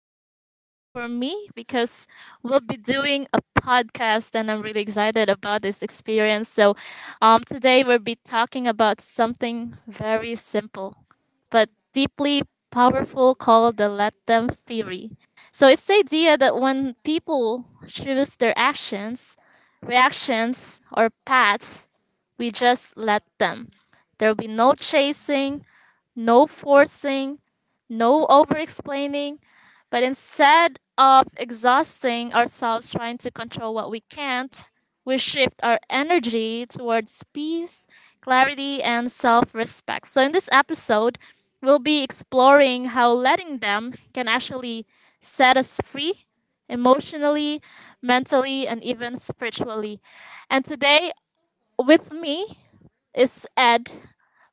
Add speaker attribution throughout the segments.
Speaker 1: day for me because we'll be doing a podcast and I'm really excited about this experience. So, today we'll be talking about something very simple but deeply powerful called the let them theory. So, it's the idea that when people choose their actions, reactions, or paths, we just let them. There will be no chasing, no forcing, no over explaining, but instead of exhausting ourselves trying to control what we can't, we shift our energy towards peace, clarity, and self respect. So, in this episode, we'll be exploring how letting them can actually set us free emotionally, mentally, and even spiritually. And today, with me is Ed,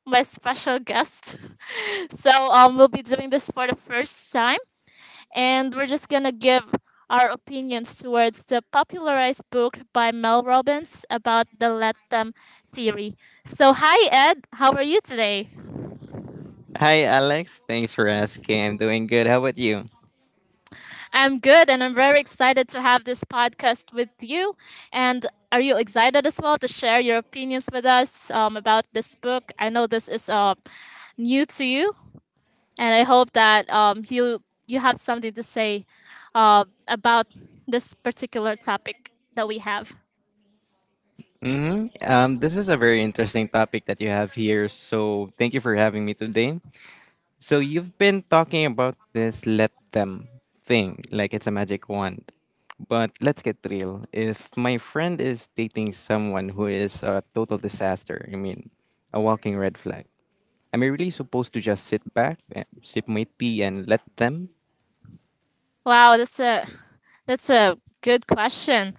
Speaker 1: my special guest. So we'll be doing this for the first time, and we're just gonna give our opinions towards the popularized book by Mel Robbins about the let them theory. So hi Ed, how are you today?
Speaker 2: Hi, Alex. Thanks for asking. I'm doing good. How about you?
Speaker 1: I'm good, and I'm very excited to have this podcast with you. And are you excited as well to share your opinions with us about this book? I know this is new to you, and I hope that you have something to say about this particular topic that we have.
Speaker 2: This is a very interesting topic that you have here. So thank you for having me today. So you've been talking about this let them thing, like it's a magic wand. But let's get real. If my friend is dating someone who is a total disaster, I mean, a walking red flag, am I really supposed to just sit back, sip my tea, and let them?
Speaker 1: Wow, that's a that's a good question.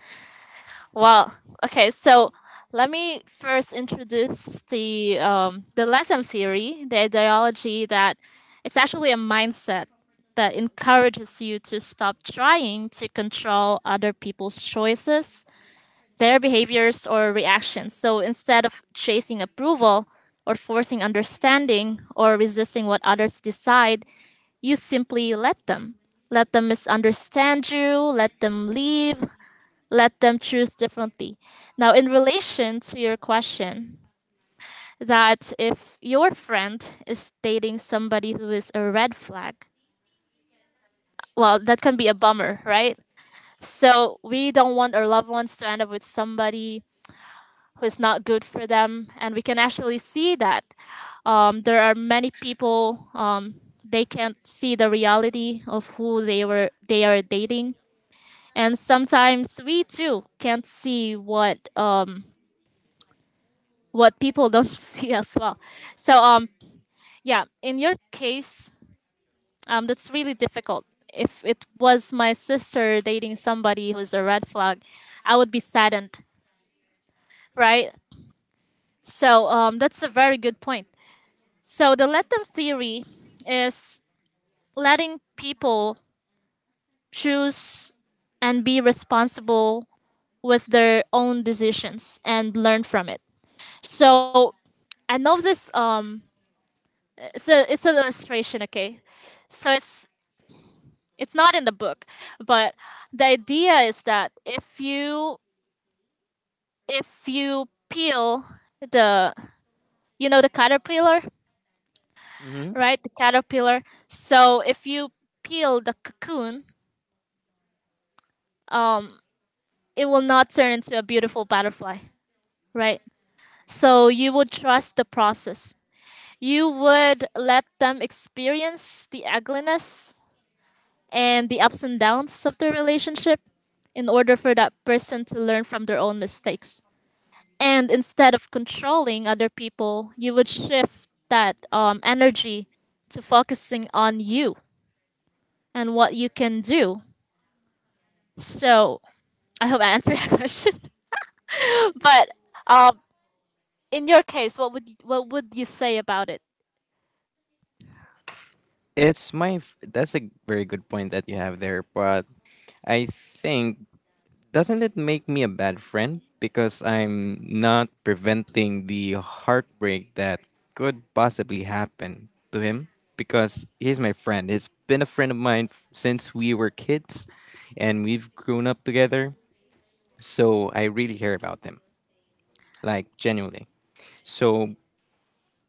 Speaker 1: Well, okay, so let me first introduce the Latham theory, the ideology that it's actually a mindset that encourages you to stop trying to control other people's choices, their behaviors or reactions. So instead of chasing approval or forcing understanding or resisting what others decide, you simply let them. Let them misunderstand you, let them leave, let them choose differently. Now, in relation to your question, that if your friend is dating somebody who is a red flag, well, that can be a bummer, right? So we don't want our loved ones to end up with somebody who's not good for them. And we can actually see that there are many people they can't see the reality of who they are dating. And sometimes we too can't see what people don't see as well. So, yeah, in your case, that's really difficult. If it was my sister dating somebody who's a red flag, I would be saddened, right? So, that's a very good point. So the let them theory is letting people choose and be responsible with their own decisions and learn from it. So I know this, it's an illustration, okay? So it's not in the book, but the idea is that if you peel the you know the caterpillar,
Speaker 2: hmm
Speaker 1: right? The caterpillar. So if you peel the cocoon, it will not turn into a beautiful butterfly, right? So you would trust the process. You would let them experience the ugliness and the ups and downs of the relationship in order for that person to learn from their own mistakes. And instead of controlling other people, you would shift that energy to focusing on you and what you can do. So I hope I answered that question. But um, in your case, what would you say about it?
Speaker 2: That's a very good point that you have there, but I think doesn't it make me a bad friend because I'm not preventing the heartbreak that could possibly happen to him because he's my friend. He's been a friend of mine since we were kids and we've grown up together. So I really care about him, like genuinely. So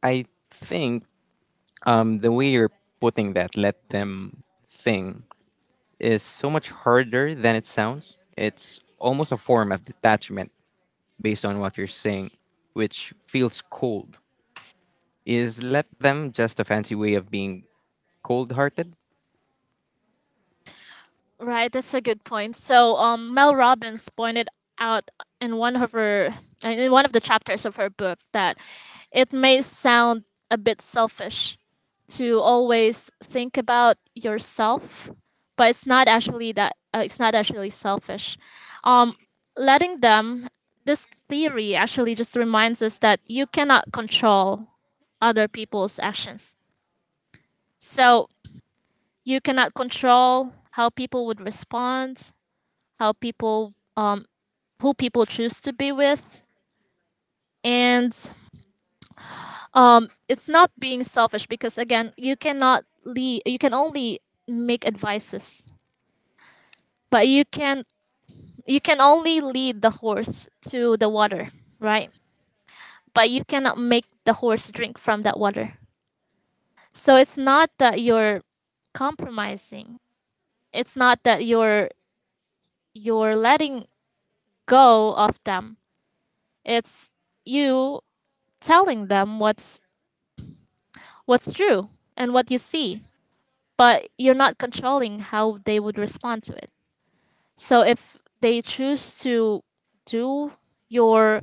Speaker 2: I think the way you're putting that let them thing is so much harder than it sounds. It's almost a form of detachment based on what you're saying, which feels cold. Is let them just a fancy way of being cold hearted?
Speaker 1: Right, that's a good point. Mel Robbins pointed out in one of her in one of the chapters of her book that it may sound a bit selfish to always think about yourself, but it's not actually that, it's not actually selfish. Um, Letting them, this theory actually just reminds us that you cannot control other people's actions. So you cannot control how people would respond, how people, um, who people choose to be with, and it's not being selfish because again, you cannot lead. You can only make advices, but you can only lead the horse to the water, right? But you cannot make the horse drink from that water. So it's not that you're compromising. It's not that you're letting go of them. It's you telling them what's true and what you see, but you're not controlling how they would respond to it. So if they choose to do your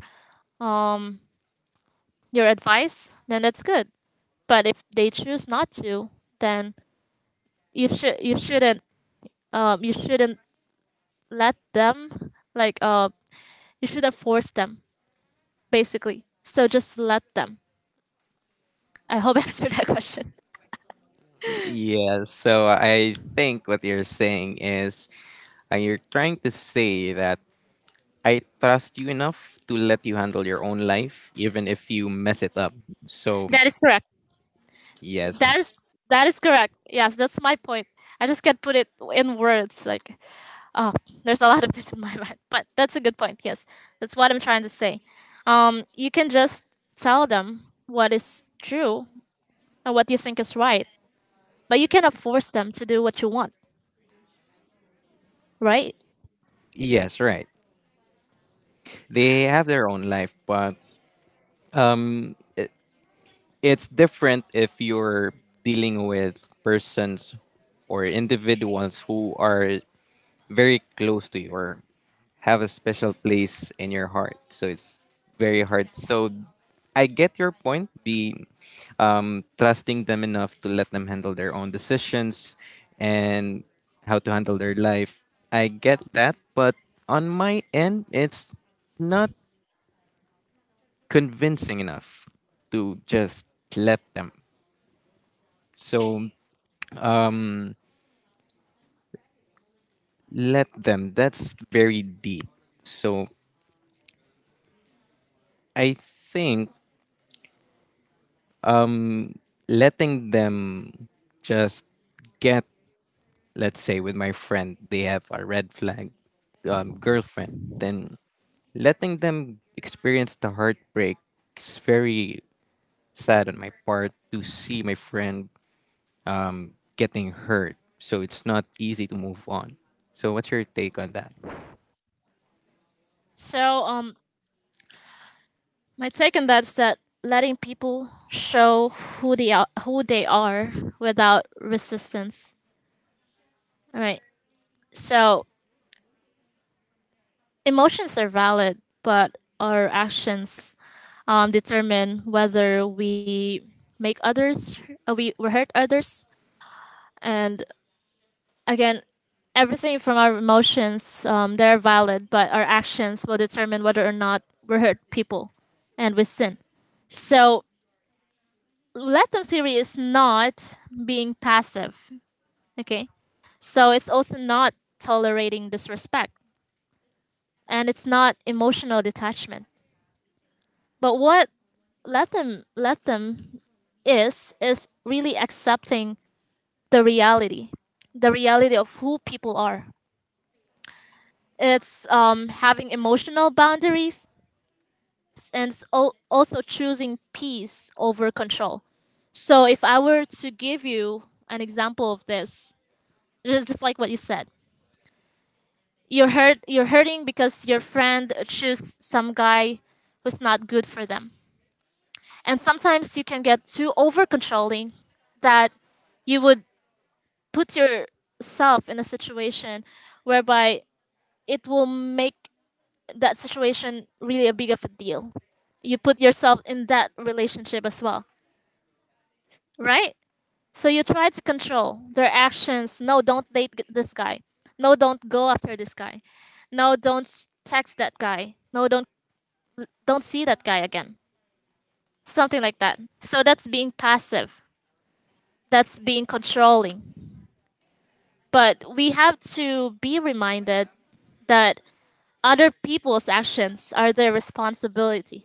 Speaker 1: um your advice, then that's good. But if they choose not to, then you should you shouldn't you shouldn't let them you shouldn't force them basically. So just let them. I hope I answered that question.
Speaker 2: Yeah, so I think what you're saying is you're trying to say that I trust you enough to let you handle your own life, even if you mess it up. So,
Speaker 1: That is correct.
Speaker 2: yes,
Speaker 1: That is correct. Yes, that's my point. I just can't put it in words. Like, oh, there's a lot of this in my mind, but that's a good point. Yes, that's what I'm trying to say. You can just tell them what is true and what you think is right, but you cannot force them to do what you want, right?
Speaker 2: yes, right. They have their own life, but it's different if you're dealing with persons or individuals who are very close to you or have a special place in your heart. So it's very hard. So I get your point. Be trusting them enough to let them handle their own decisions and how to handle their life. I get that, but on my end, it's not convincing enough to just let them. So mm, let them. That's very deep. So I think um letting them just get, let's say with my friend they have a red flag girlfriend, then letting them experience the heartbreak is very sad on my part to see my friend getting hurt, so it's not easy to move on. So what's your take on that?
Speaker 1: So, my take on that is that letting people show who they are without resistance. All right. So emotions are valid, but our actions determine whether we make we hurt others. And again, everything from our emotions, they're valid, but our actions will determine whether or not we hurt people and we sin. So, let them theory is not being passive, okay? So, it's also not tolerating disrespect and it's not emotional detachment. But what let them is really accepting the reality, the reality of who people are. It's having emotional boundaries and it's also choosing peace over control. So if I were to give you an example of this, just like what you said, you're hurt. You're hurting because your friend chose some guy who's not good for them. And sometimes you can get too over controlling that you would put yourself in a situation whereby it will make that situation really a big of a deal. You put yourself in that relationship as well, right? So you try to control their actions. No, don't date this guy. No, don't go after this guy. No, don't text that guy. No, don't see that guy again. Something like that. So that's being passive. That's being controlling, but we have to be reminded that other people's actions are their responsibility.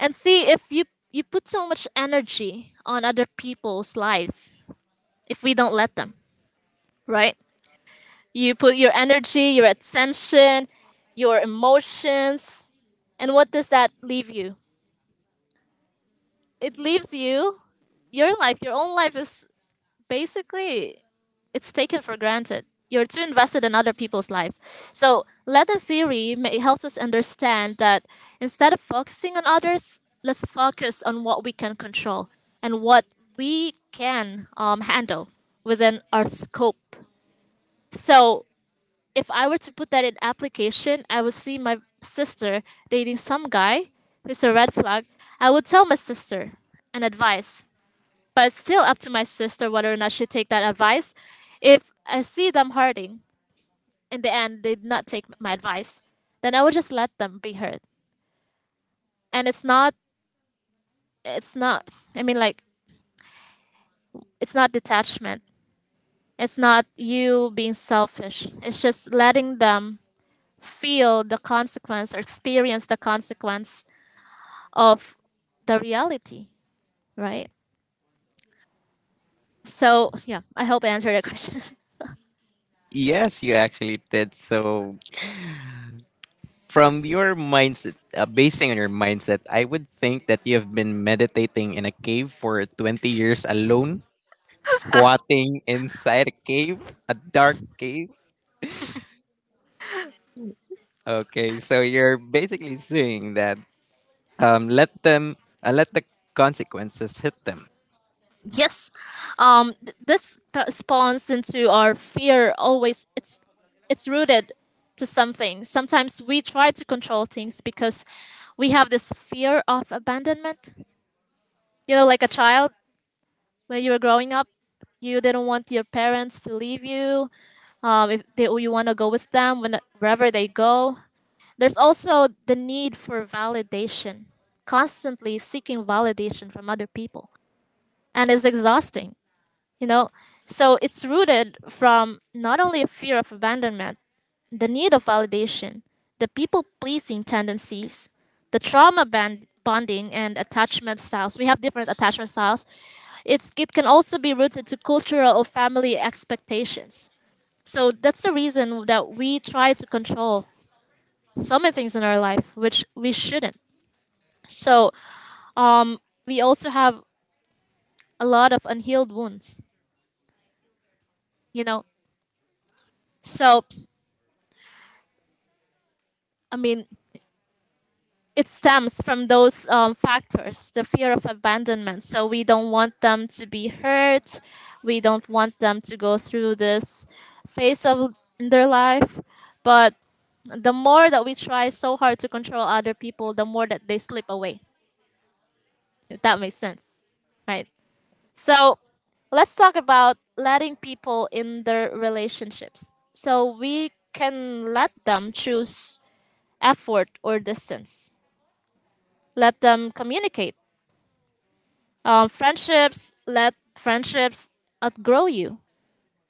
Speaker 1: And see if you put so much energy on other people's lives if we don't let them, right? You put your energy, your attention, your emotions, and what does that leave you? It leaves you your life. Your own life is basically it's taken for granted. You're too invested in other people's lives. So, letter theory may, helps us understand that instead of focusing on others, let's focus on what we can control and what we can handle within our scope. So, if I were to put that in application, I would see my sister dating some guy who's a red flag. I would tell my sister an advice, but it's still up to my sister whether or not she take that advice. If I see them hurting, in the end they did not take my advice, then I would just let them be hurt. And it's not, I mean like, it's not detachment. It's not you being selfish. It's just letting them feel the consequence or experience the consequence of the reality, right? So yeah, I hope I answered that question.
Speaker 2: Yes, you actually did. So from your mindset, basing on your mindset, I would think that you have been meditating in a cave for 20 years alone, squatting inside a cave, a dark cave. Okay, so you're basically saying that let them, let the consequences hit them.
Speaker 1: Yes, spawns into our fear. Always it's rooted to something. Sometimes we try to control things because we have this fear of abandonment, you know, like a child. When you were growing up, you didn't want your parents to leave you. If they, You want to go with them when, wherever they go. There's also the need for validation, constantly seeking validation from other people, and it's exhausting, you know. So it's rooted from not only a fear of abandonment, the need of validation, the people pleasing tendencies, the trauma bonding, and attachment styles. We have different attachment styles. It can also be rooted to cultural or family expectations. So that's the reason that we try to control so many things in our life, which we shouldn't. So um we also have a lot of unhealed wounds, you know. So I mean, it stems from those factors, the fear of abandonment. So we don't want them to be hurt. We don't want them to go through this phase of in their life. But the more that we try so hard to control other people, the more that they slip away, if that makes sense, right? So let's talk about letting people in their relationships. So we can let them choose effort or distance, let them communicate. Friendships Let friendships outgrow you.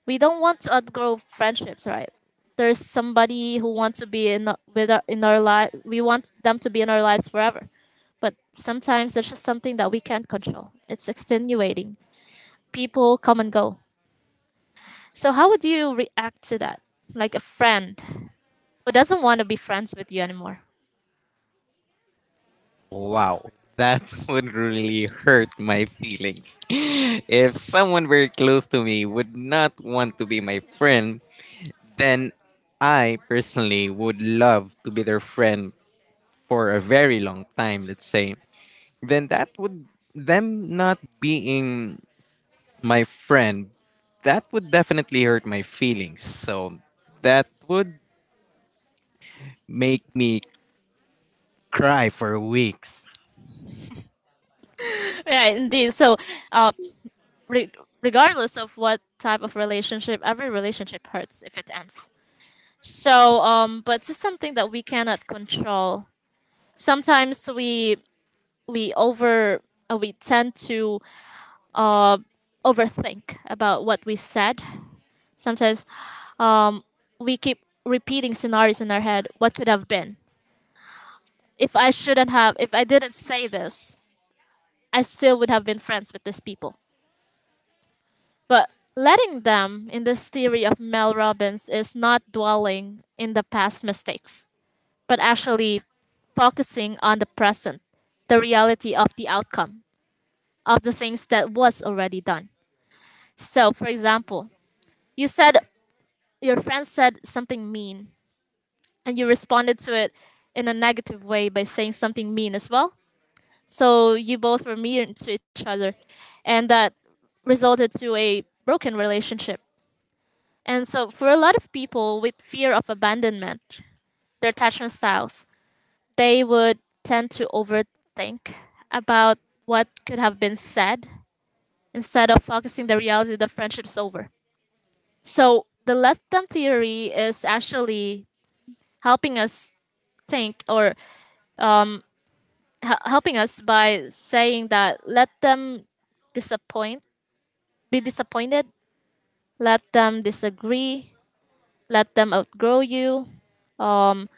Speaker 1: We don't want to outgrow friendships, right? There's somebody who wants to be in our life. We want them to be in our lives forever, but sometimes there's just something that we can't control. It's extenuating. People come and go. So how would you react to that? Like a friend who doesn't want to be friends with you anymore.
Speaker 2: Wow, that would really hurt my feelings. If someone very close to me would not want to be my friend, then I personally would love to be their friend for a very long time, let's say, then that would, them not being my friend, that would definitely hurt my feelings. So that would make me cry for weeks.
Speaker 1: Yeah, indeed. Uh, re- Regardless of what type of relationship, every relationship hurts if it ends. But it's something that we cannot control. Sometimes we over we tend to uh, overthink about what we said. Sometimes um, we keep repeating scenarios in our head. What could have been? If I didn't say this, I still would have been friends with these people. But letting them in this theory of Mel Robbins is not dwelling in the past mistakes, but actually focusing on the present, the reality of the outcome of the things that was already done. So, for example, you said your friend said something mean and you responded to it in a negative way by saying something mean as well. So, you both were mean to each other and that resulted to a broken relationship. And so for a lot of people with fear of abandonment, their attachment styles, they would tend to overthink about what could have been said instead of focusing the reality the friendship's over. So the let them theory is actually helping us think, or helping us by saying that let them disappoint, be disappointed, let them disagree, let them outgrow you, um,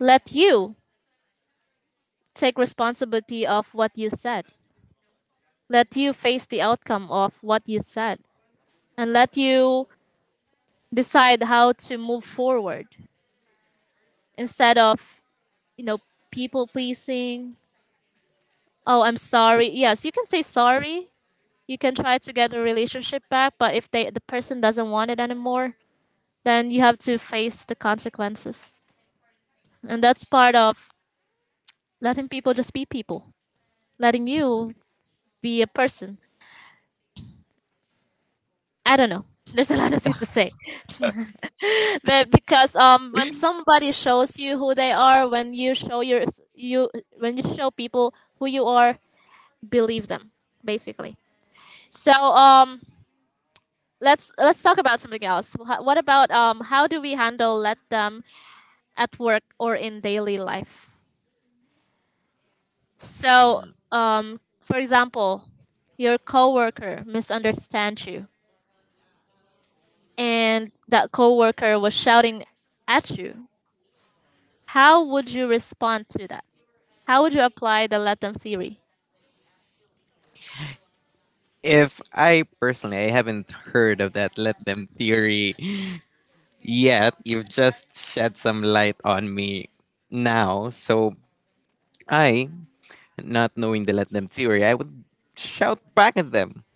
Speaker 1: let you take responsibility of what you said, let you face the outcome of what you said, and let you decide how to move forward instead of you know people pleasing. Oh, I'm sorry. Yes, you can say sorry, you can try to get a relationship back, but if the person doesn't want it anymore, then you have to face the consequences. And that's part of letting people just be people, letting you be a person. I don't know. There's a lot of things to say. But because When somebody shows you who they are, when you show your you when you show people who you are, believe them, basically. So let's talk about something else. What about how do we handle let them at work or in daily life? So for example, your coworker misunderstands you and that coworker was shouting at you. How would you respond to that? How would you apply the Latin theory?
Speaker 2: If I personally, I haven't heard of that let them theory yet. You've just shed some light on me now. So I not knowing the let them theory, I would shout back at them.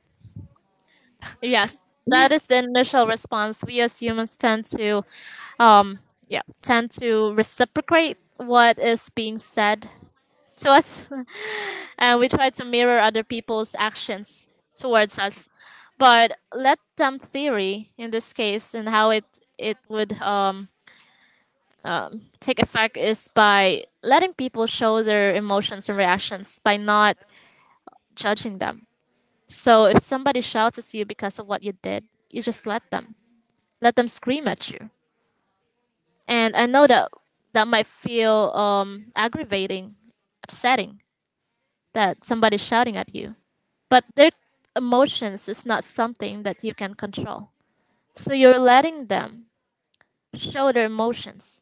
Speaker 1: Yes, that is the initial response. We as humans tend to, um, yeah, tend to reciprocate what is being said to us, and we try to mirror other people's actions towards us. But Let Them theory, in this case, and how it would take effect is by letting people show their emotions and reactions by not judging them. So if somebody shouts at you because of what you did, you just let them. Let them scream at you. And I know that that might feel aggravating, upsetting, that somebody's shouting at you. But their emotions is not something that you can control. So you're letting them show their emotions.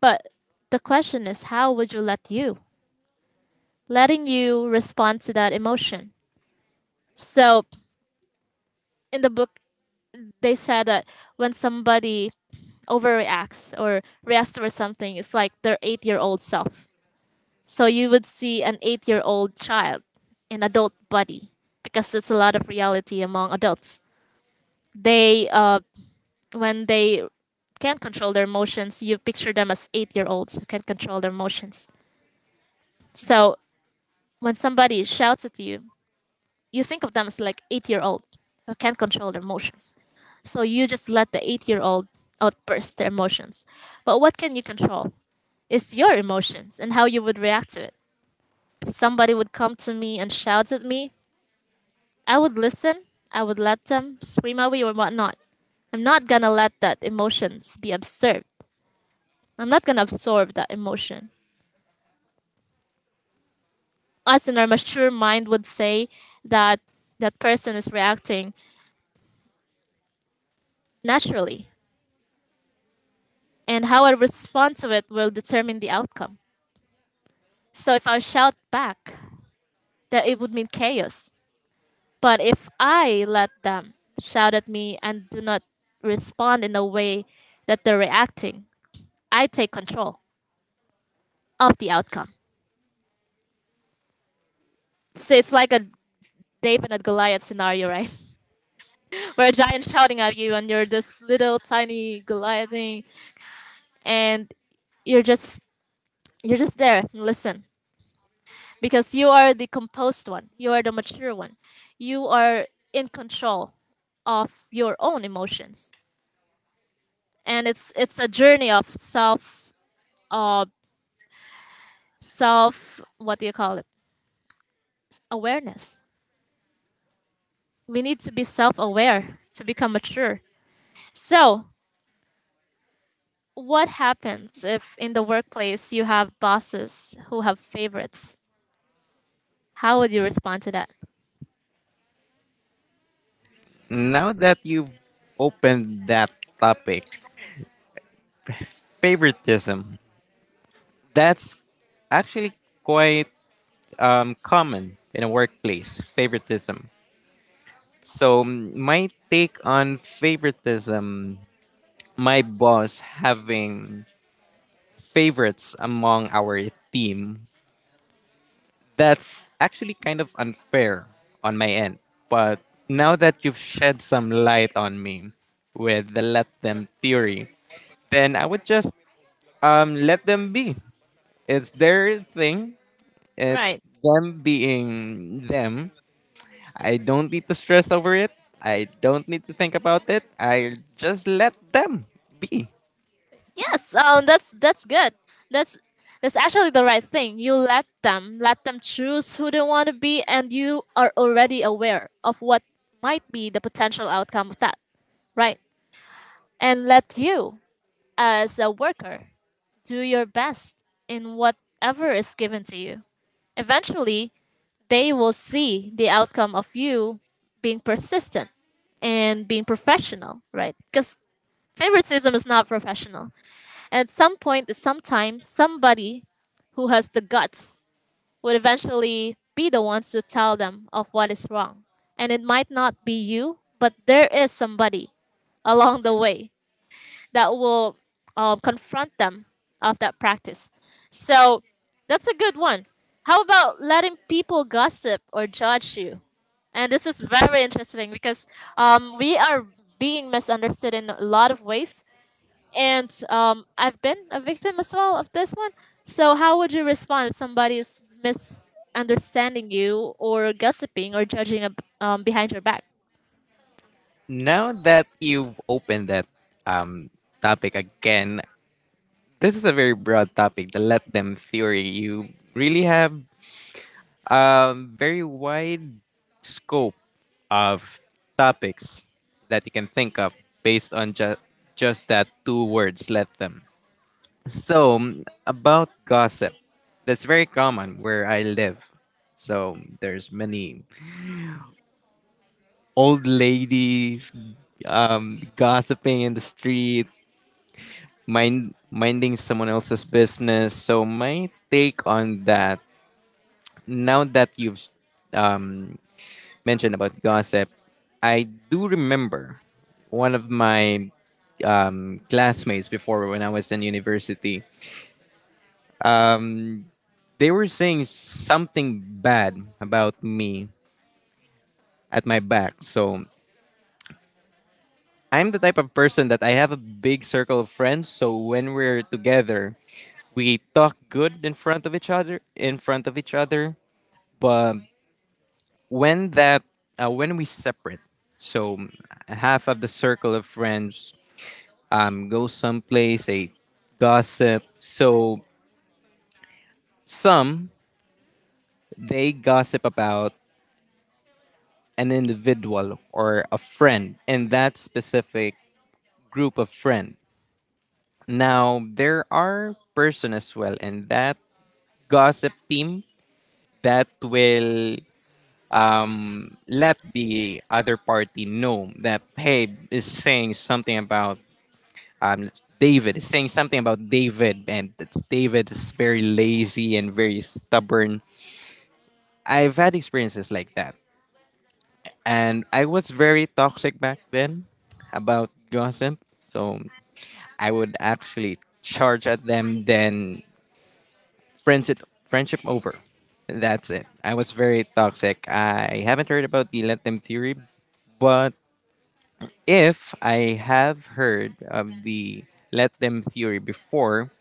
Speaker 1: But the question is, how would you let you? Letting you respond to that emotion. So in the book they said that when somebody overreacts or reacts towards something, it's like their eight-year-old self. So you would see an eight-year-old child in adult body because it's a lot of reality among adults. They when they can't control their emotions, you picture them as eight-year-olds who can't control their emotions. So when somebody shouts at you, you think of them as like eight-year-old who can't control their emotions. So you just let the eight-year-old outburst their emotions. But what can you control? It's your emotions and how you would react to it. If somebody would come to me and shout at me, I would listen. I would let them scream at me or whatnot. I'm not gonna let that emotions be absorbed. I'm not gonna absorb that emotion. Us in our mature mind would say that that person is reacting naturally, and how I respond to it will determine the outcome. So if I shout back, that it would mean chaos. But if I let them shout at me and do not respond in a way that they're reacting, I take control of the outcome. So it's like a David and Goliath scenario, right? Where a giant shouting at you and you're this little tiny Goliath thing and you're just you're just there and listen, because you are the composed one, you are the mature one, you are in control of your own emotions. And it's a journey of self, uh self, what do you call it, awareness. We need to be self-aware to become mature. So what happens if in the workplace you have bosses who have favorites? How would you respond to that?
Speaker 2: Now that you've opened that topic, favoritism, that's actually quite common in a workplace, favoritism. So, my take on favoritism, my boss having favorites among our team, that's actually kind of unfair on my end. But now that you've shed some light on me with the let them theory, then I would just let them be. It's their thing. It's
Speaker 1: Right.
Speaker 2: them being them. I don't need to stress over it. I don't need to think about it. I just let them be.
Speaker 1: Yes, that's good. That's that's actually the right thing. You let them, let them choose who they want to be, and you are already aware of what might be the potential outcome of that, right? And let you, as a worker, do your best in whatever is given to you. Eventually, they will see the outcome of you being persistent and being professional, right? Because favoritism is not professional. At some point, at some time, somebody who has the guts would eventually be the ones to tell them of what is wrong. And it might not be you, but there is somebody along the way that will confront them of that practice. So that's a good one. How about letting people gossip or judge you? And this is very interesting because we are being misunderstood in a lot of ways. And I've been a victim as well of this one. So, how would you respond if somebody is misunderstanding you or gossiping or judging behind your back?
Speaker 2: Now that you've opened that topic again, this is a very broad topic, the let them theory. You really have a very wide scope of topics that you can think of based on just that two words, let them. So, about gossip, that's very common where I live. So, there's many old ladies gossiping in the street, minding someone else's business. So, my take on that now that you've um, mentioned about gossip, I do remember one of my classmates before when I was in university. They were saying something bad about me at my back. So I'm the type of person that I have a big circle of friends. So when we're together, we talk good in front of each other. In front of each other, but when that when we separate, so half of the circle of friends go someplace, they gossip. So some they gossip about an individual or a friend in that specific group of friend. Now there are person as well in that gossip team that will let the other party know that hey is saying something about um, David is saying something about David and that David is very lazy and very stubborn. I've had experiences like that. And I was very toxic back then about gossip. So I would actually charge at them, then friendship, friendship over. That's it. I was very toxic. I haven't heard about the let them theory, but if I have heard of the let them theory before,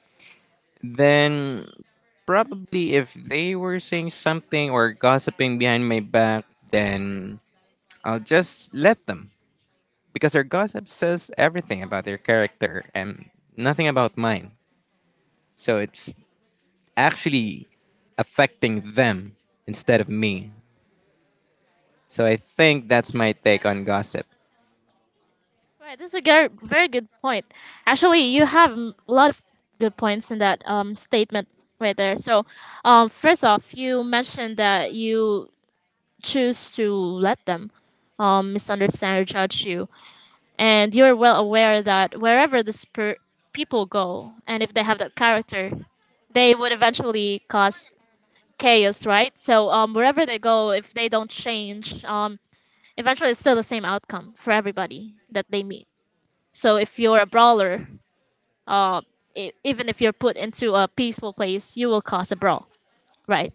Speaker 2: then probably if they were saying something or gossiping behind my back, then I'll just let them because their gossip says everything about their character and nothing about mine. So it's actually affecting them instead of me. So I think that's my take on gossip.
Speaker 1: Right, this is a very good point. Actually, you have a lot of good points in that statement right there. So, first off, you mentioned that you choose to let them misunderstand or judge you, and you're well aware that wherever people go, and if they have that character, they would eventually cause chaos, right? So wherever they go, if they don't change, eventually it's still the same outcome for everybody that they meet. So if you're a brawler, uh, even if you're put into a peaceful place, you will cause a brawl, right?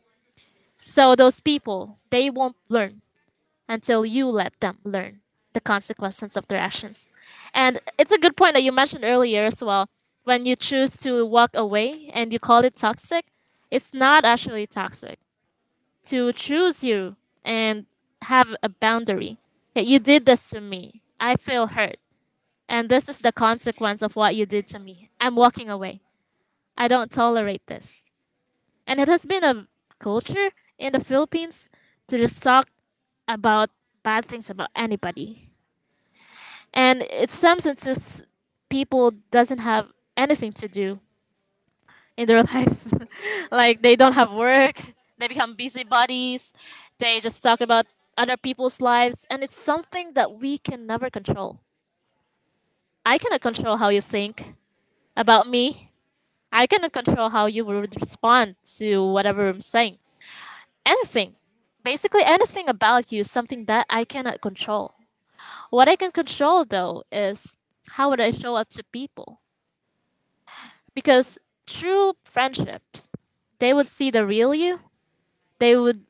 Speaker 1: So those people, they won't learn until you let them learn the consequences of their actions. And it's a good point that you mentioned earlier as well. When you choose to walk away and you call it toxic, it's not actually toxic. To choose you and have a boundary. That You did this to me. I feel hurt. And this is the consequence of what you did to me. I'm walking away. I don't tolerate this. And it has been a culture in the Philippines to just talk about bad things about anybody. And in some senses, people doesn't have anything to do in their life, like they don't have work, they become busybodies, they just talk about other people's lives, and it's something that we can never control. I cannot control how you think about me. I cannot control how you would respond to whatever I'm saying. Anything, basically anything about you is something that I cannot control. What I can control though is how would I show up to people. Because true friendships, they would see the real you, they would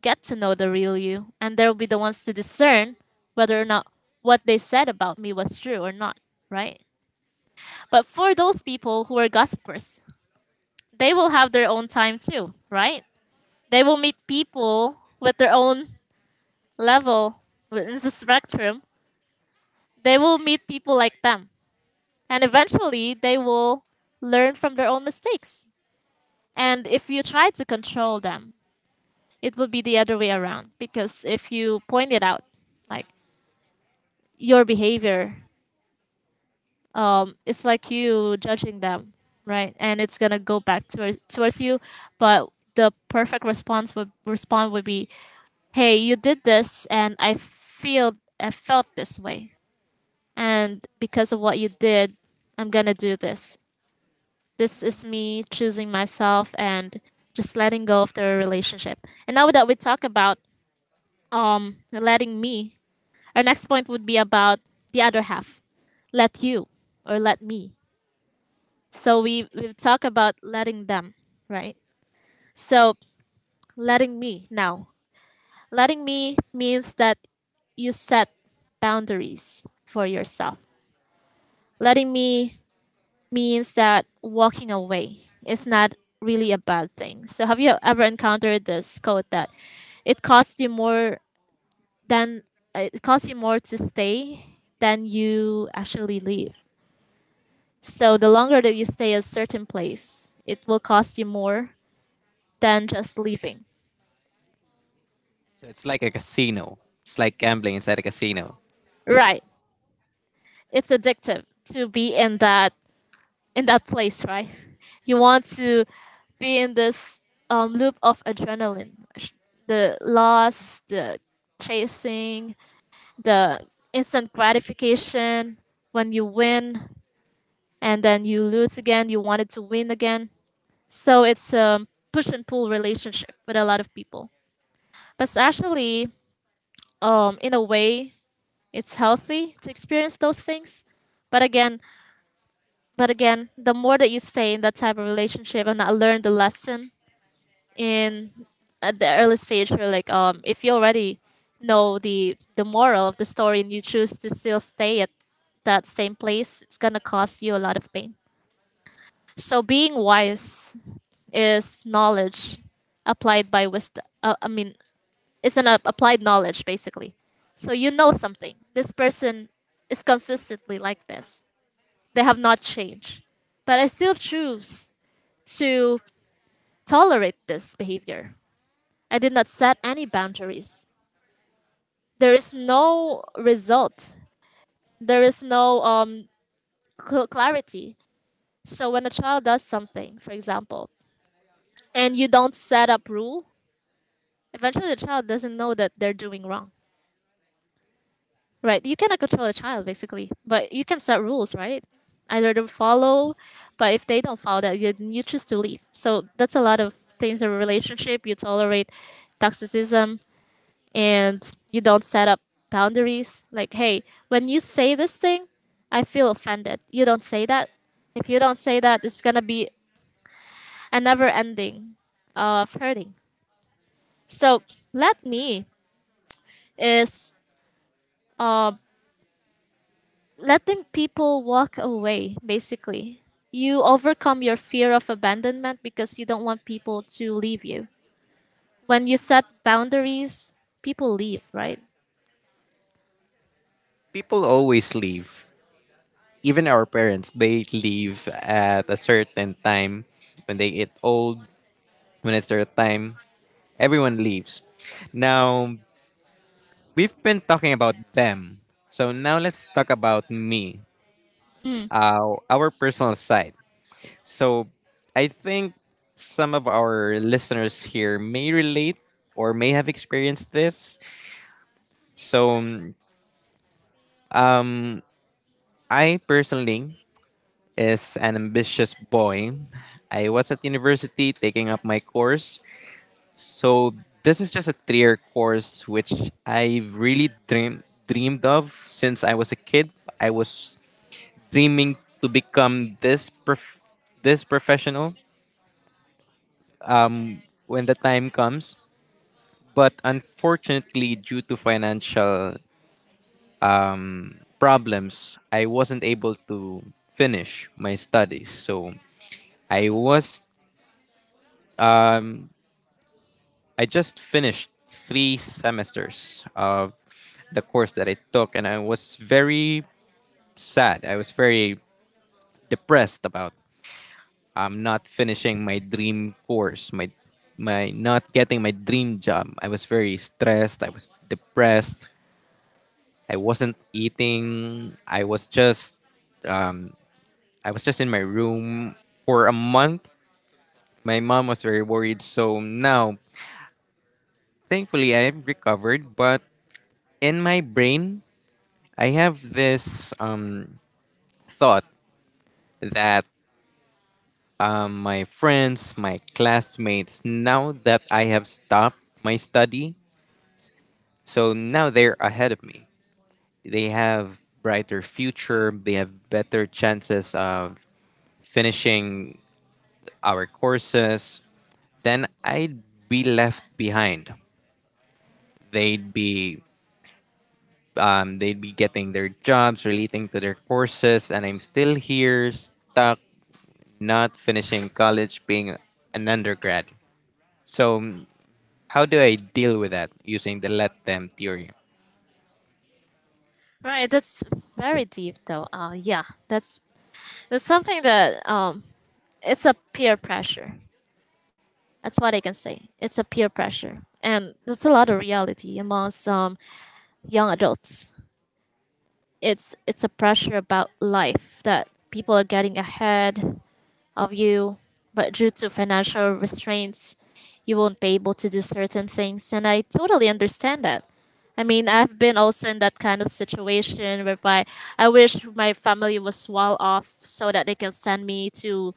Speaker 1: get to know the real you, and they'll be the ones to discern whether or not what they said about me was true or not, right? But for those people who are gossipers, they will have their own time too, right? They will meet people with their own level within the spectrum. They will meet people like them. And eventually, they will learn from their own mistakes. And if you try to control them, it would be the other way around, because if you point it out, like your behavior, it's like you judging them, right? And it's gonna go back towards you, but the perfect response would respond would be, "Hey, you did this, and I felt this way, and because of what you did, I'm gonna do this. This is me choosing myself and just letting go of the relationship." And now that we talk about letting me, our next point would be about the other half. Let you, or let me. So we've talked about letting them, right? So letting me now. Letting me means that you set boundaries for yourself. Letting me means that walking away is not really a bad thing. So have you ever encountered this quote that it costs you more than it costs you more to stay than you actually leave? So the longer that you stay at a certain place, it will cost you more than just leaving.
Speaker 2: So it's like a casino. It's like gambling inside a casino.
Speaker 1: Right. It's addictive to be in that place, right? You want to be in this loop of adrenaline, the loss, the chasing, the instant gratification when you win, and then you lose again, you wanted to win again. So it's a push and pull relationship with a lot of people. But actually, in a way it's healthy to experience those things, but again the more that you stay in that type of relationship and not learn the lesson in at the early stage where, like, if you already know the moral of the story and you choose to still stay at that same place, it's gonna cost you a lot of pain. So being wise is knowledge applied by wisdom. It's an applied knowledge, basically. So you know something. This person is consistently like this. They have not changed. But I still choose to tolerate this behavior. I did not set any boundaries. There is no result, there is no clarity. So when a child does something, for example, and you don't set up rule, eventually the child doesn't know that they're doing wrong. Right. You cannot control a child basically, but you can set rules, right? Either to follow, but if they don't follow that, you choose to leave. So that's a lot of things in a relationship. You tolerate toxicism and you don't set up boundaries. Like, hey, when you say this thing, I feel offended. You don't say that. If you don't say that, it's gonna be a never ending of hurting. So let me is um letting people walk away, basically. You overcome your fear of abandonment because you don't want people to leave you. When you set boundaries, people leave, right?
Speaker 2: People always leave. Even our parents, they leave at a certain time when they get old, when it's their time. Everyone leaves. Now, we've been talking about them. So now let's talk about me,
Speaker 1: Mm.
Speaker 2: our personal side. So I think some of our listeners here may relate or may have experienced this. So um, I personally is an ambitious boy. I was at university taking up my course. So this is just a three-year course which I really dreamed of since I was a kid. I was dreaming to become this professional when the time comes. But unfortunately, due to financial problems, I wasn't able to finish my studies. So I was I just finished three semesters of the course that I took, and I was very sad. I was very depressed about I'm not finishing my dream course, my not getting my dream job. I was very stressed. I was depressed. I wasn't eating. Um, I was just in my room for a month. My mom was very worried. So now, thankfully, I've recovered. But in my brain, I have this thought that my friends, my classmates, now that I have stopped my study, so now they're ahead of me. They have brighter future, they have better chances of finishing our courses. Then I'd be left behind. They'd be they'd be getting their jobs relating to their courses and I'm still here stuck not finishing college, being an undergrad. So how do I deal with that using the let them theory?
Speaker 1: Right, that's very deep though. Yeah, that's something that, it's a peer pressure, that's what I can say. It's a peer pressure, and that's a lot of reality among some young adults. It's a pressure about life that people are getting ahead of you, but due to financial restraints, you won't be able to do certain things. And I totally understand that. I mean, I've been also in that kind of situation whereby I wish my family was well off so that they can send me to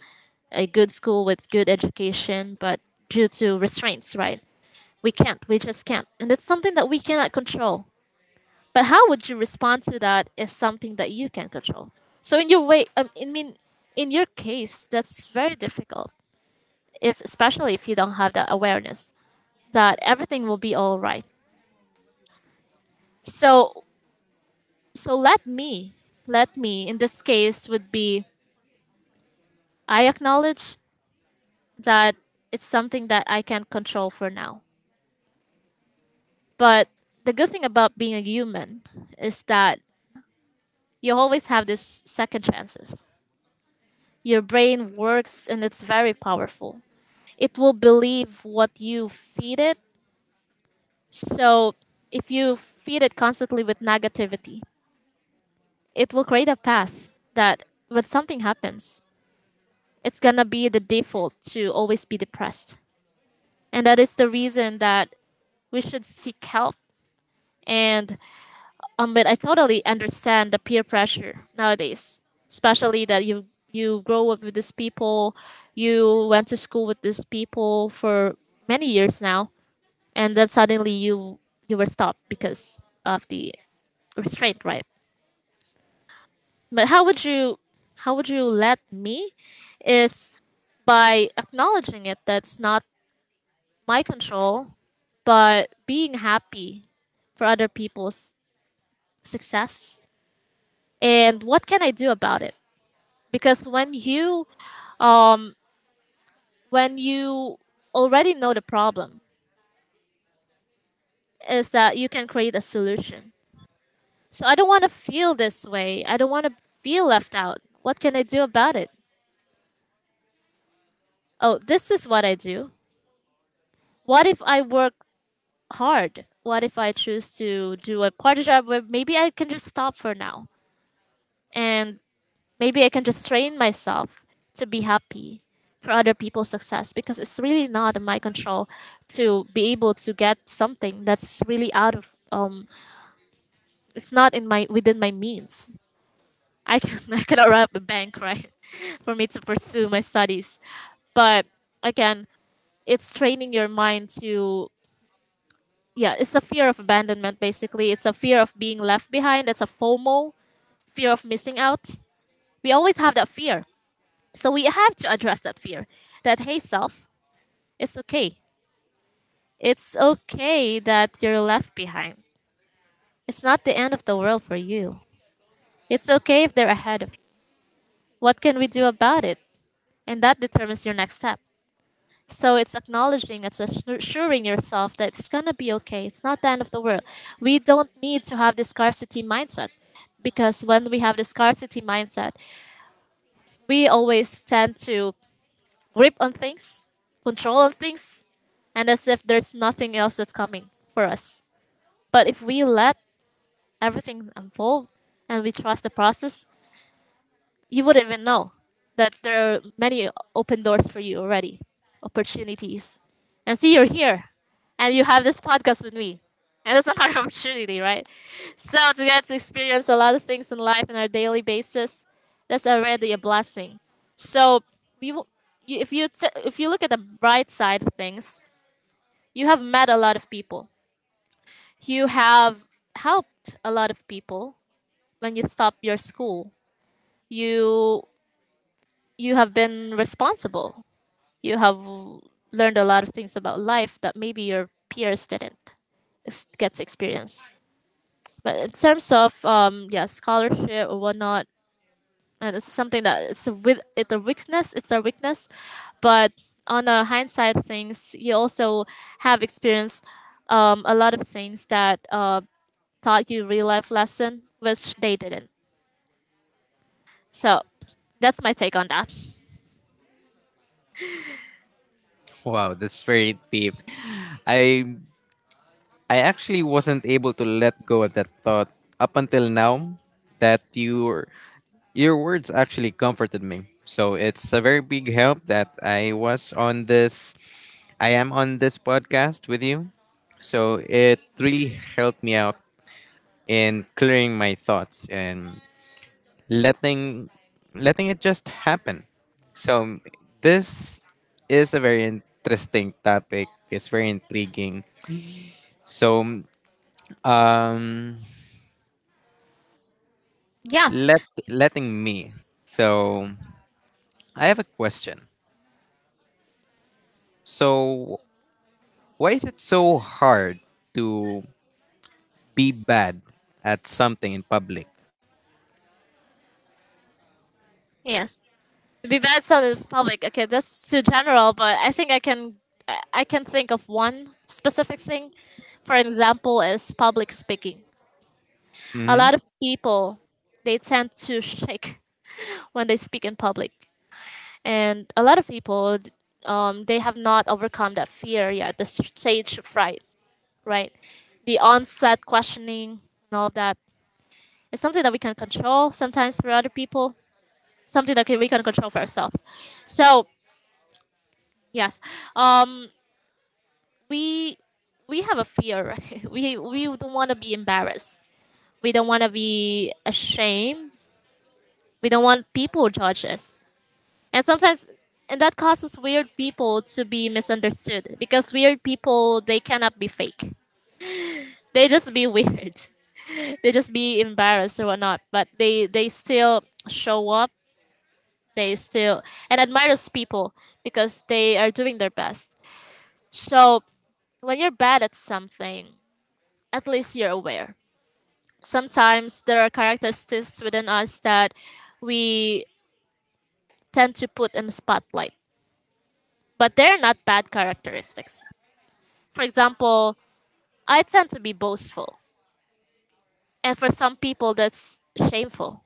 Speaker 1: a good school with good education, but due to restraints, right? We can't, we just can't. And it's something that we cannot control. But how would you respond to that is something that you can control. So in your way, I mean, in your case, that's very difficult. If especially if you don't have that awareness that everything will be all right. So, so let me let me in this case would be, I acknowledge that it's something that I can control for now. But the good thing about being a human is that you always have this second chances. Your brain works and it's very powerful. It will believe what you feed it. So if you feed it constantly with negativity, it will create a path that when something happens, it's gonna be the default to always be depressed. And that is the reason that we should seek help. And but I totally understand the peer pressure nowadays, especially that you grow up with these people, you went to school with these people for many years now, and then suddenly you were stopped because of the restraint, right? But how would you let me is by acknowledging it, that's not my control, but being happy for other people's success, and what can I do about it? Because um when you already know the problem is that you can create a solution. So I don't want to feel this way. I don't want to feel left out. What can I do about it? Oh, this is what I do. What if I work hard? What if I choose to do a part job where maybe I can just stop for now? And maybe I can just train myself to be happy for other people's success, because it's really not in my control to be able to get something that's really out of it's not in my within my means. I can I cannot run up a bank, right? For me to pursue my studies, but again, it's training your mind to, yeah, it's a fear of abandonment basically. It's a fear of being left behind. It's a FOMO, fear of missing out. We always have that fear, so we have to address that fear. That hey self, it's okay. It's okay that you're left behind. It's not the end of the world for you. It's okay if they're ahead of you. What can we do about it? And that determines your next step. So it's acknowledging, it's assuring yourself that it's gonna be okay. It's not the end of the world. We don't need to have this scarcity mindset, because when we have the scarcity mindset, we always tend to grip on things, control on things, and as if there's nothing else that's coming for us. But if we let everything unfold and we trust the process, you wouldn't even know that there are many open doors for you already, opportunities. And see, you're here, and you have this podcast with me, and that's another opportunity, right? So to get to experience a lot of things in life on our daily basis, that's already a blessing. So we, will- you, if if you look at the bright side of things, you have met a lot of people. You have helped a lot of people when you stopped your school. You you have been responsible. You have learned a lot of things about life that maybe your peers didn't gets experience. But in terms of yeah, scholarship or whatnot, and it's something that it's a weakness. It's a weakness, but on a hindsight of things, you also have experienced a lot of things that taught you real life lesson, which they didn't. So that's my take on that.
Speaker 2: Wow, that's very deep. I I actually wasn't able to let go of that thought up until now that your words actually comforted me. So it's a very big help that I am on this podcast with you. So it really helped me out in clearing my thoughts and letting letting it just happen. So this is a very interesting topic. It's very intriguing. So um
Speaker 1: Yeah.
Speaker 2: let letting me. So I have a question. So why is it so hard to be bad at something in public?
Speaker 1: Yes. Be bad sounded public. Okay, that's too general, but I think I can, I can think of one specific thing. For example, is public speaking. A
Speaker 2: hmm
Speaker 1: lot of people, they tend to shake when they speak in public, and a lot of people, they have not overcome that fear yet, the stage fright, right? The onset questioning and all that. It's something that we can control sometimes for other people. Something that we can control for ourselves. So yes, um, we have a fear, right? We don't want to be embarrassed, we don't want to be ashamed, we don't want people to judge us. And sometimes, and that causes weird people to be misunderstood, because weird people, they cannot be fake, they just be weird. They just be embarrassed or whatnot, but they still show up, they still, and admires people, because they are doing their best. So when you're bad at something, at least you're aware. Sometimes there are characteristics within us that we tend to put in the spotlight, but they're not bad characteristics. For example, I tend to be boastful, and for some people, that's shameful,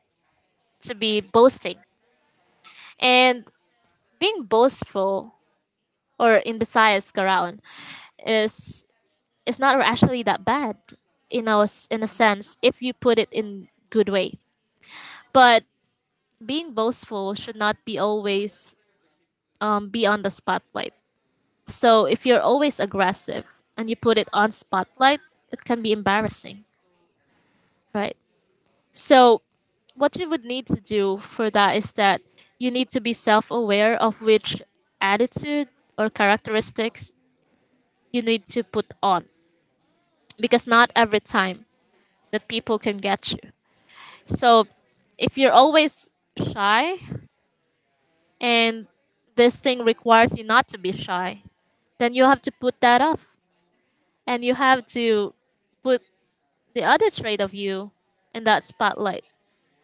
Speaker 1: to be boasting. And being boastful, or in Visayas, Karaon, is is not actually that bad in a, in a sense if you put it in good way. But being boastful should not be always, be on the spotlight. So if you're always aggressive and you put it on spotlight, it can be embarrassing, right? So what you would need to do for that is that you need to be self-aware of which attitude or characteristics you need to put on, because not every time that people can get you. So if you're always shy and this thing requires you not to be shy, then you have to put that off and you have to put the other trait of you in that spotlight.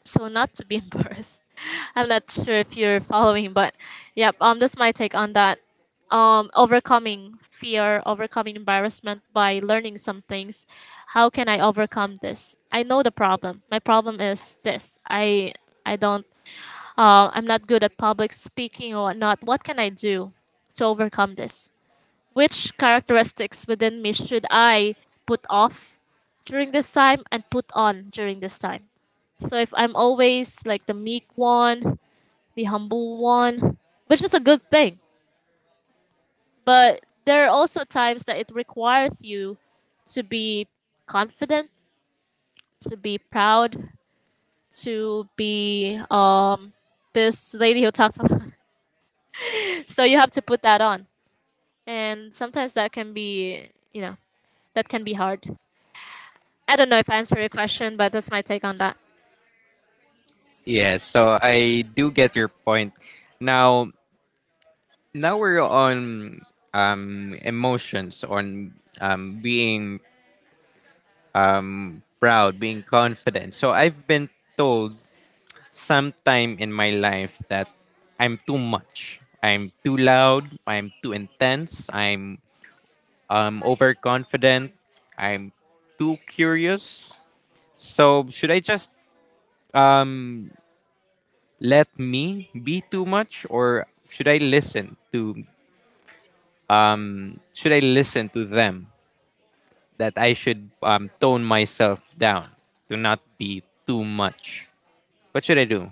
Speaker 1: So not to be embarrassed. I'm not sure if you're following, but yep, that's my take on that. Overcoming fear, overcoming embarrassment by learning some things. How can I overcome this? I know the problem. My problem is this. I don't, I'm not good at public speaking or whatnot. What can I do to overcome this? Which characteristics within me should I put off during this time and put on during this time? So if I'm always like the meek one, the humble one, which is a good thing, but there are also times that it requires you to be confident, to be proud, to be this lady who talks a lot. So you have to put that on. And sometimes that can be, you know, that can be hard. I don't know if I answered your question, but that's my take on that.
Speaker 2: Yeah. So I do get your point. Now Now we're on emotions on being proud, being confident. So I've been told sometime in my life that I'm too much. I'm too loud. I'm too intense. I'm overconfident. I'm too curious. So should I just um let me be too much, or should I listen to, should I listen to them, that I should tone myself down to not be too much? What should I do?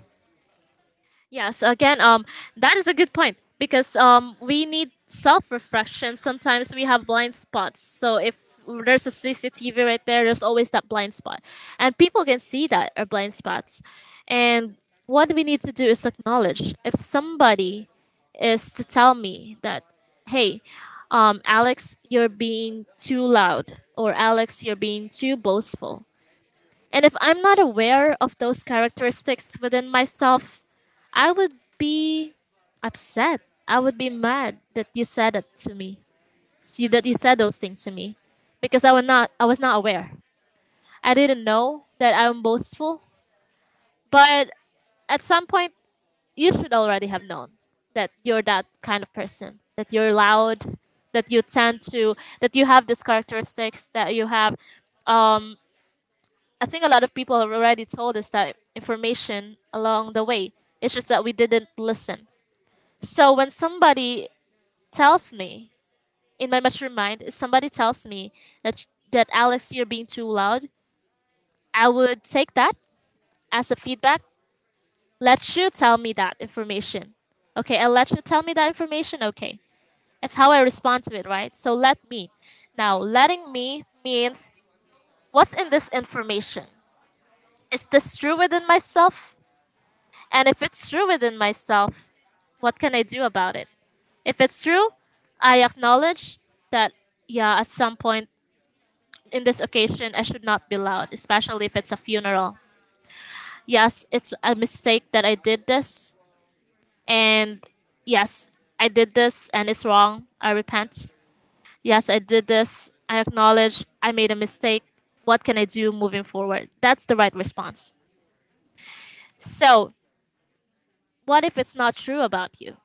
Speaker 1: Yes, again, that is a good point because we need self reflection. Sometimes we have blind spots. So if there's a CCTV right there, there's always that blind spot, and people can see that are blind spots. And what we need to do is acknowledge if somebody is to tell me that, hey, Alex, you're being too loud, or Alex, you're being too boastful. And if I'm not aware of those characteristics within myself, I would be upset. I would be mad that you said it to me. See that you said those things to me. Because I was not aware. I didn't know that I'm boastful. But at some point you should already have known that you're that kind of person. That you're loud, that you tend to, that you have these characteristics, that you have um I think a lot of people have already told us that information along the way. It's just that we didn't listen. So when somebody tells me, in my mature mind, if somebody tells me that that Alex, you're being too loud, I would take that as a feedback. Let you tell me that information. Okay, I'll let you tell me that information. Okay. That's how I respond to it, right? So let me. Now, letting me means what's in this information? Is this true within myself? And if it's true within myself, what can I do about it? If it's true, I acknowledge that, yeah, at some point in this occasion, I should not be loud, especially if it's a funeral. Yes, it's a mistake that I did this. And yes, I did this and it's wrong. I repent. Yes, I did this. I acknowledge I made a mistake. What can I do moving forward? That's the right response. So, what if it's not true about you?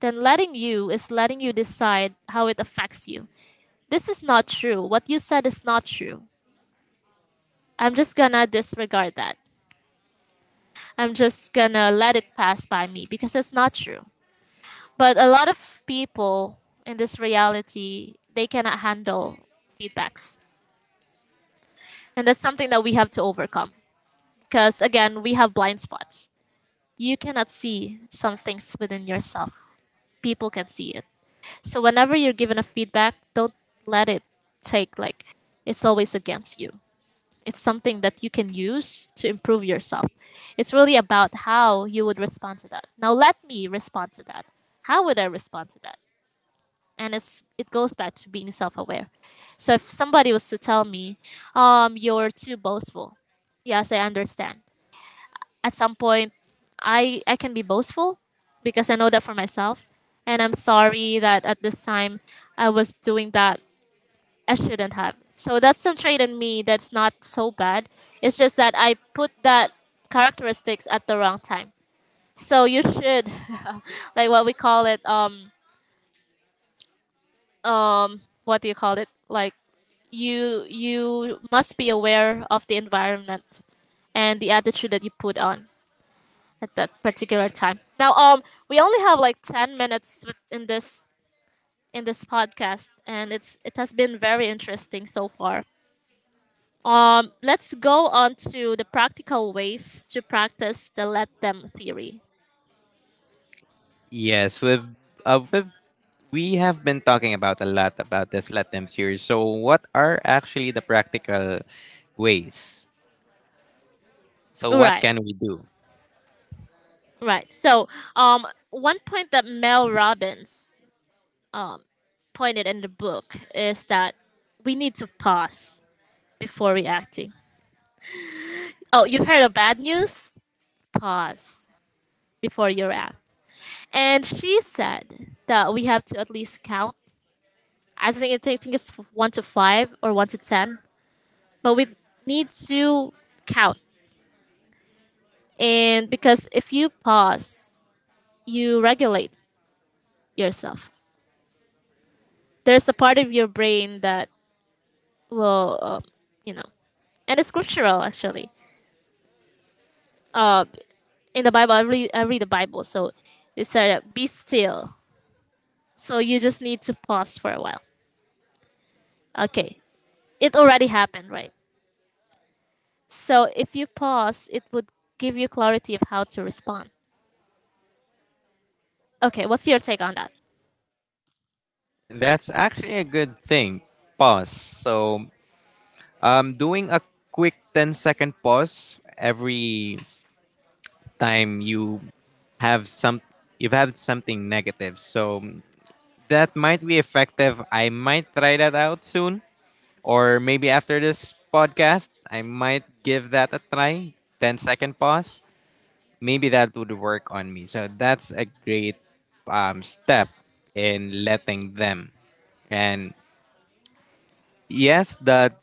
Speaker 1: Then letting you is letting you decide how it affects you. This is not true. What you said is not true. I'm just gonna disregard that. I'm just gonna let it pass by me because it's not true. But a lot of people in this reality, they cannot handle feedbacks. And that's something that we have to overcome because, again, we have blind spots. You cannot see some things within yourself, people can see it. So whenever you're given a feedback, don't let it take like it's always against you. It's something that you can use to improve yourself. It's really about how you would respond to that. Now let me respond to that. How would I respond to that? And it goes back to being self-aware. So if somebody was to tell me, you're too boastful. Yes, I understand at some point I can be boastful because I know that for myself, and I'm sorry that at this time I was doing that. I shouldn't have. So that's some trait in me that's not so bad. It's just that I put that characteristics at the wrong time. So you should like what we call it, um what do you call it, like you must be aware of the environment and the attitude that you put on at that particular time. Now, we only have like 10 minutes in this podcast, and it has been very interesting so far. Let's go on to the practical ways to practice the let them theory.
Speaker 2: Yes, we've, we have been talking about a lot about this let them series. So what are actually the practical ways? So what
Speaker 1: Right,
Speaker 2: can we do?
Speaker 1: right. So, one point that Mel Robbins pointed in the book is that we need to pause before reacting. Oh, you heard of bad news? Pause before you react. And she said that we have to at least count. I think it's 1 to 5 or 1 to 10. But we need to count. And because if you pause, you regulate yourself. There's a part of your brain that will, you know, and it's scriptural actually. Uh, in the Bible, I read the Bible, so it said, be still. So you just need to pause for a while. Okay. It already happened, right? So if you pause, it would give you clarity of how to respond. Okay, what's your take on that?
Speaker 2: That's actually a good thing. Pause. So, doing a quick ten-second pause every time you have some you've had something negative. So, that might be effective. I might try that out soon or maybe after this podcast, I might give that a try. Ten-second pause. Maybe that would work on me. So, that's a great step in letting them. and yes, the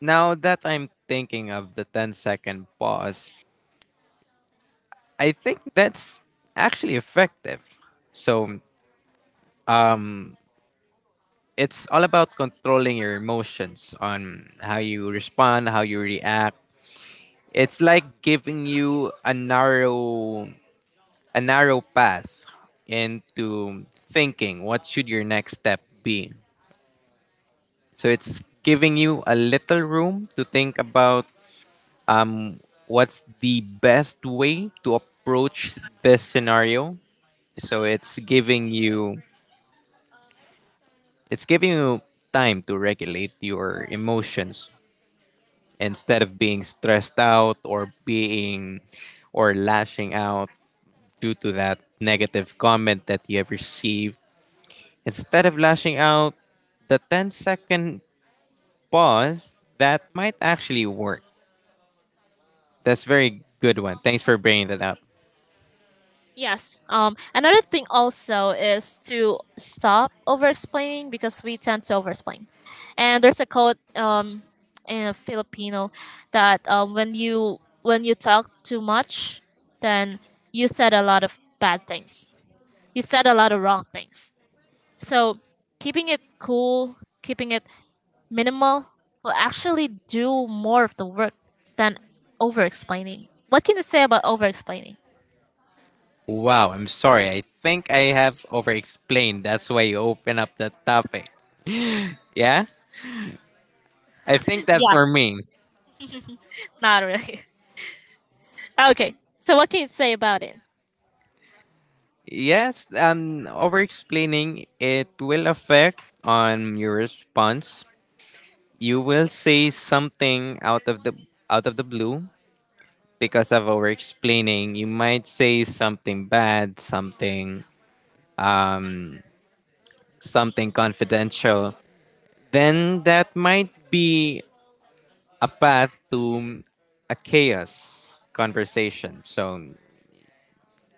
Speaker 2: Now that I'm thinking of the 10-second pause, I think that's actually effective. So it's all about controlling your emotions on how you respond, how you react. It's like giving you a narrow path into thinking what should your next step be. So it's giving you a little room to think about um, what's the best way to approach this scenario. So it's giving you time to regulate your emotions instead of being stressed out or being or lashing out due to that negative comment that you have received. Instead of lashing out, the ten-second pause, that might actually work. That's very good one. Thanks for bringing that up.
Speaker 1: Yes. Another thing also is to stop over explaining because we tend to over explain. And there's a quote in Filipino that, when you talk too much, then you said a lot of bad things. You said a lot of wrong things. So keeping it cool, keeping it minimal will actually do more of the work than over explaining. What can you say about over explaining?
Speaker 2: Wow, I'm sorry. I think I have over explained. That's why you open up the topic. Yeah? I think that's
Speaker 1: Yeah,
Speaker 2: for me.
Speaker 1: not really. Okay, so what can you say about it?
Speaker 2: Yes, over explaining it will affect on your response. You will say something out of the blue because of over explaining. You might say something bad, something confidential. Then that might be a path to a chaos conversation. So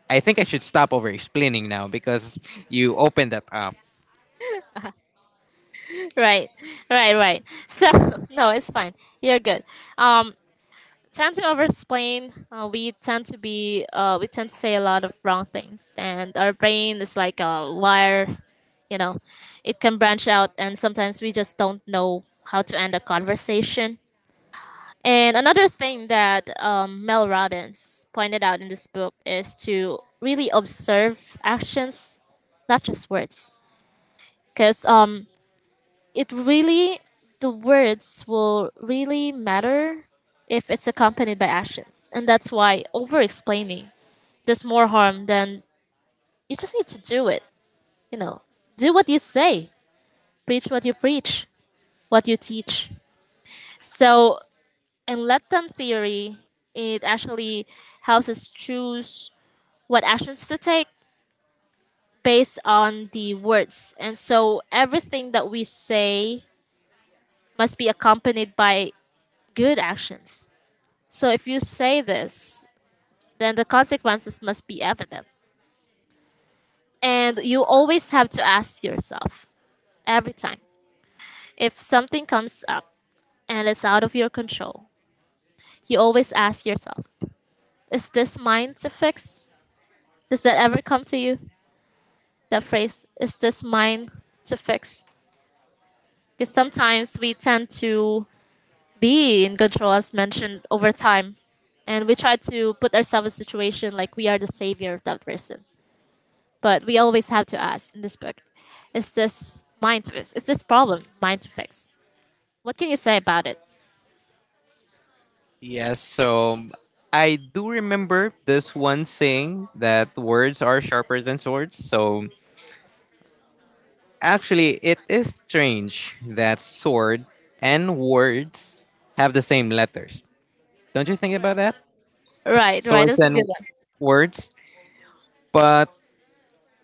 Speaker 2: I think I should stop over explaining now because you opened that up.
Speaker 1: Right, right. So, no, it's fine. You're good. Um, tend to over explain. We tend to say a lot of wrong things, and our brain is like a wire, you know, it can branch out, and sometimes we just don't know how to end a conversation. And another thing that, Mel Robbins pointed out in this book is to really observe actions, not just words, because, it really, the words will really matter if it's accompanied by actions, and that's why over-explaining does more harm than, you just need to do it. You know, do what you say, preach, what you teach. So, and let them theory, it actually helps us choose what actions to take based on the words. And so everything that we say must be accompanied by good actions. So if you say this, then the consequences must be evident. And you always have to ask yourself every time if something comes up and it's out of your control, you always ask yourself, is this mine to fix? Does that ever come to you? The phrase, is this mine to fix, because sometimes we tend to be in control as mentioned over time, and we try to put ourselves in a situation like we are the savior of that person, but we always have to ask in this book, is this mine to fix? Is this problem mine to fix? What can you say about it?
Speaker 2: Yes, so I do remember this one saying that words are sharper than swords. So actually, it is strange that sword and words have the same letters. Don't you think about
Speaker 1: right
Speaker 2: that?
Speaker 1: right right,
Speaker 2: Swords
Speaker 1: that's a good
Speaker 2: and
Speaker 1: one.
Speaker 2: words, but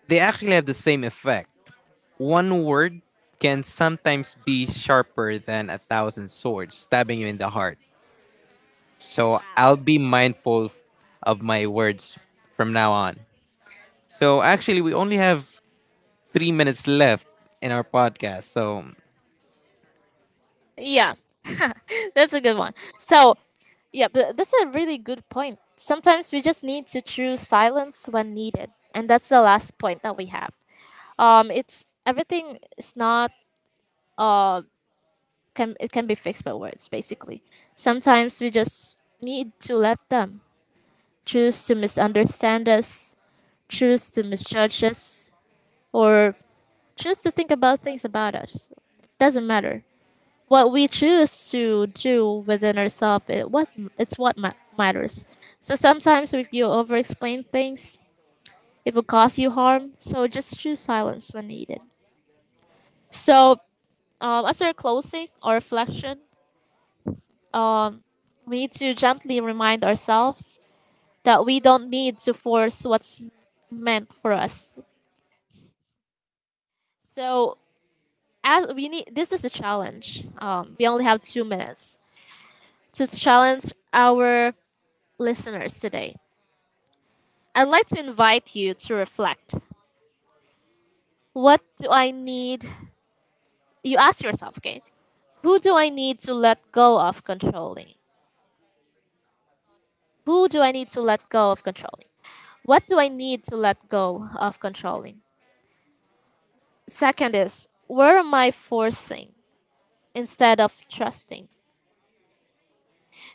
Speaker 2: they actually have the same effect. One word can sometimes be sharper than a thousand swords, stabbing you in the heart. So
Speaker 1: Wow.
Speaker 2: I'll be mindful of my words from now on. So actually, we only have 3 minutes left in our podcast. So,
Speaker 1: Yeah, that's a good one. So, yeah, but that's a really good point. Sometimes we just need to choose silence when needed, and that's the last point that we have. It's, everything is not uh can, it can be fixed by words basically. Sometimes we just need to let them choose to misunderstand us, choose to misjudge us, or choose to think about things about us. Doesn't matter. What we choose to do within ourselves, it's what matters. So sometimes if you over explain things, it will cause you harm, so just choose silence when needed. So, as our closing or reflection, um, we need to gently remind ourselves that we don't need to force what's meant for us. So, as we need, this is a challenge, we only have 2 minutes to challenge our listeners today. I'd like to invite you to reflect. What do I need? You ask yourself, okay? Who do I need to let go of controlling? Who do I need to let go of controlling? What do I need to let go of controlling? Second is, where am I forcing instead of trusting?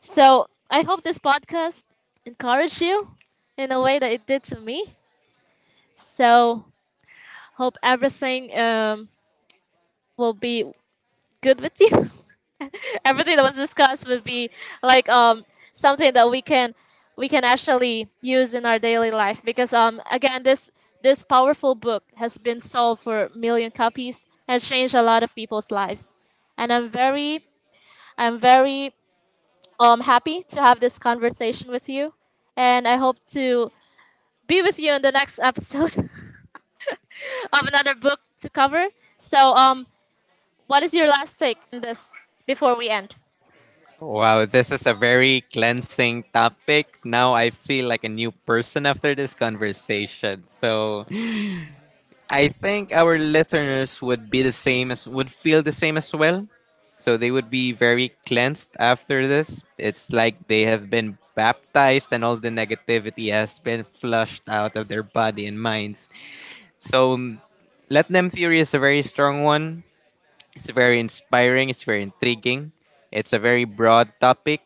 Speaker 1: So I hope this podcast encouraged you in a way that it did to me. So hope everything, will be good with you. Everything that was discussed would be like, something that we can, we can actually use in our daily life because, again, this powerful book has been sold for 1 million copies, has changed a lot of people's lives, and I'm very happy to have this conversation with you, and I hope to be with you in the next episode of another book to cover. So, what is your last take on this before we end?
Speaker 2: wow, this is a very cleansing topic. Now I feel like a new person after this conversation. So, I think our listeners would be the same as would feel the same as well. So they would be very cleansed after this. It's like they have been baptized and all the negativity has been flushed out of their body and minds. So Let Them Fury is a very strong one. It's very inspiring, it's very intriguing. It's a very broad topic.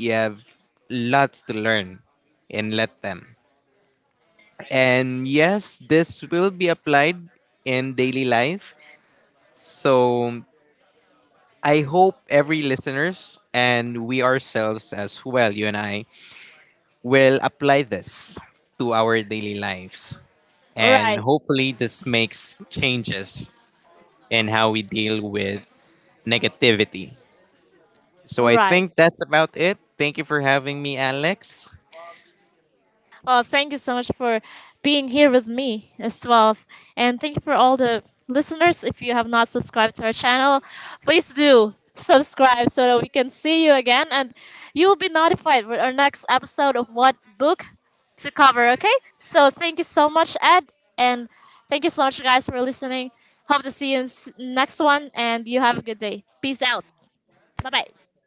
Speaker 2: You have lots to learn in Let Them. And yes, this will be applied in daily life. So I hope every listeners and we ourselves as well, you and I, will apply this to our daily lives.
Speaker 1: all
Speaker 2: And
Speaker 1: right
Speaker 2: hopefully this makes changes in how we deal with negativity. So
Speaker 1: All
Speaker 2: I
Speaker 1: right.
Speaker 2: think that's about it. Thank you for having me, Alex.
Speaker 1: Well, thank you so much for being here with me as well. And thank you for all the listeners. If you have not subscribed to our channel, please do subscribe so that we can see you again, and you will be notified for our next episode of what book to cover, okay? So thank you so much, Ed. And thank you so much, guys, for listening. Hope to see you in next one. And you have a good day. Peace out. Bye bye.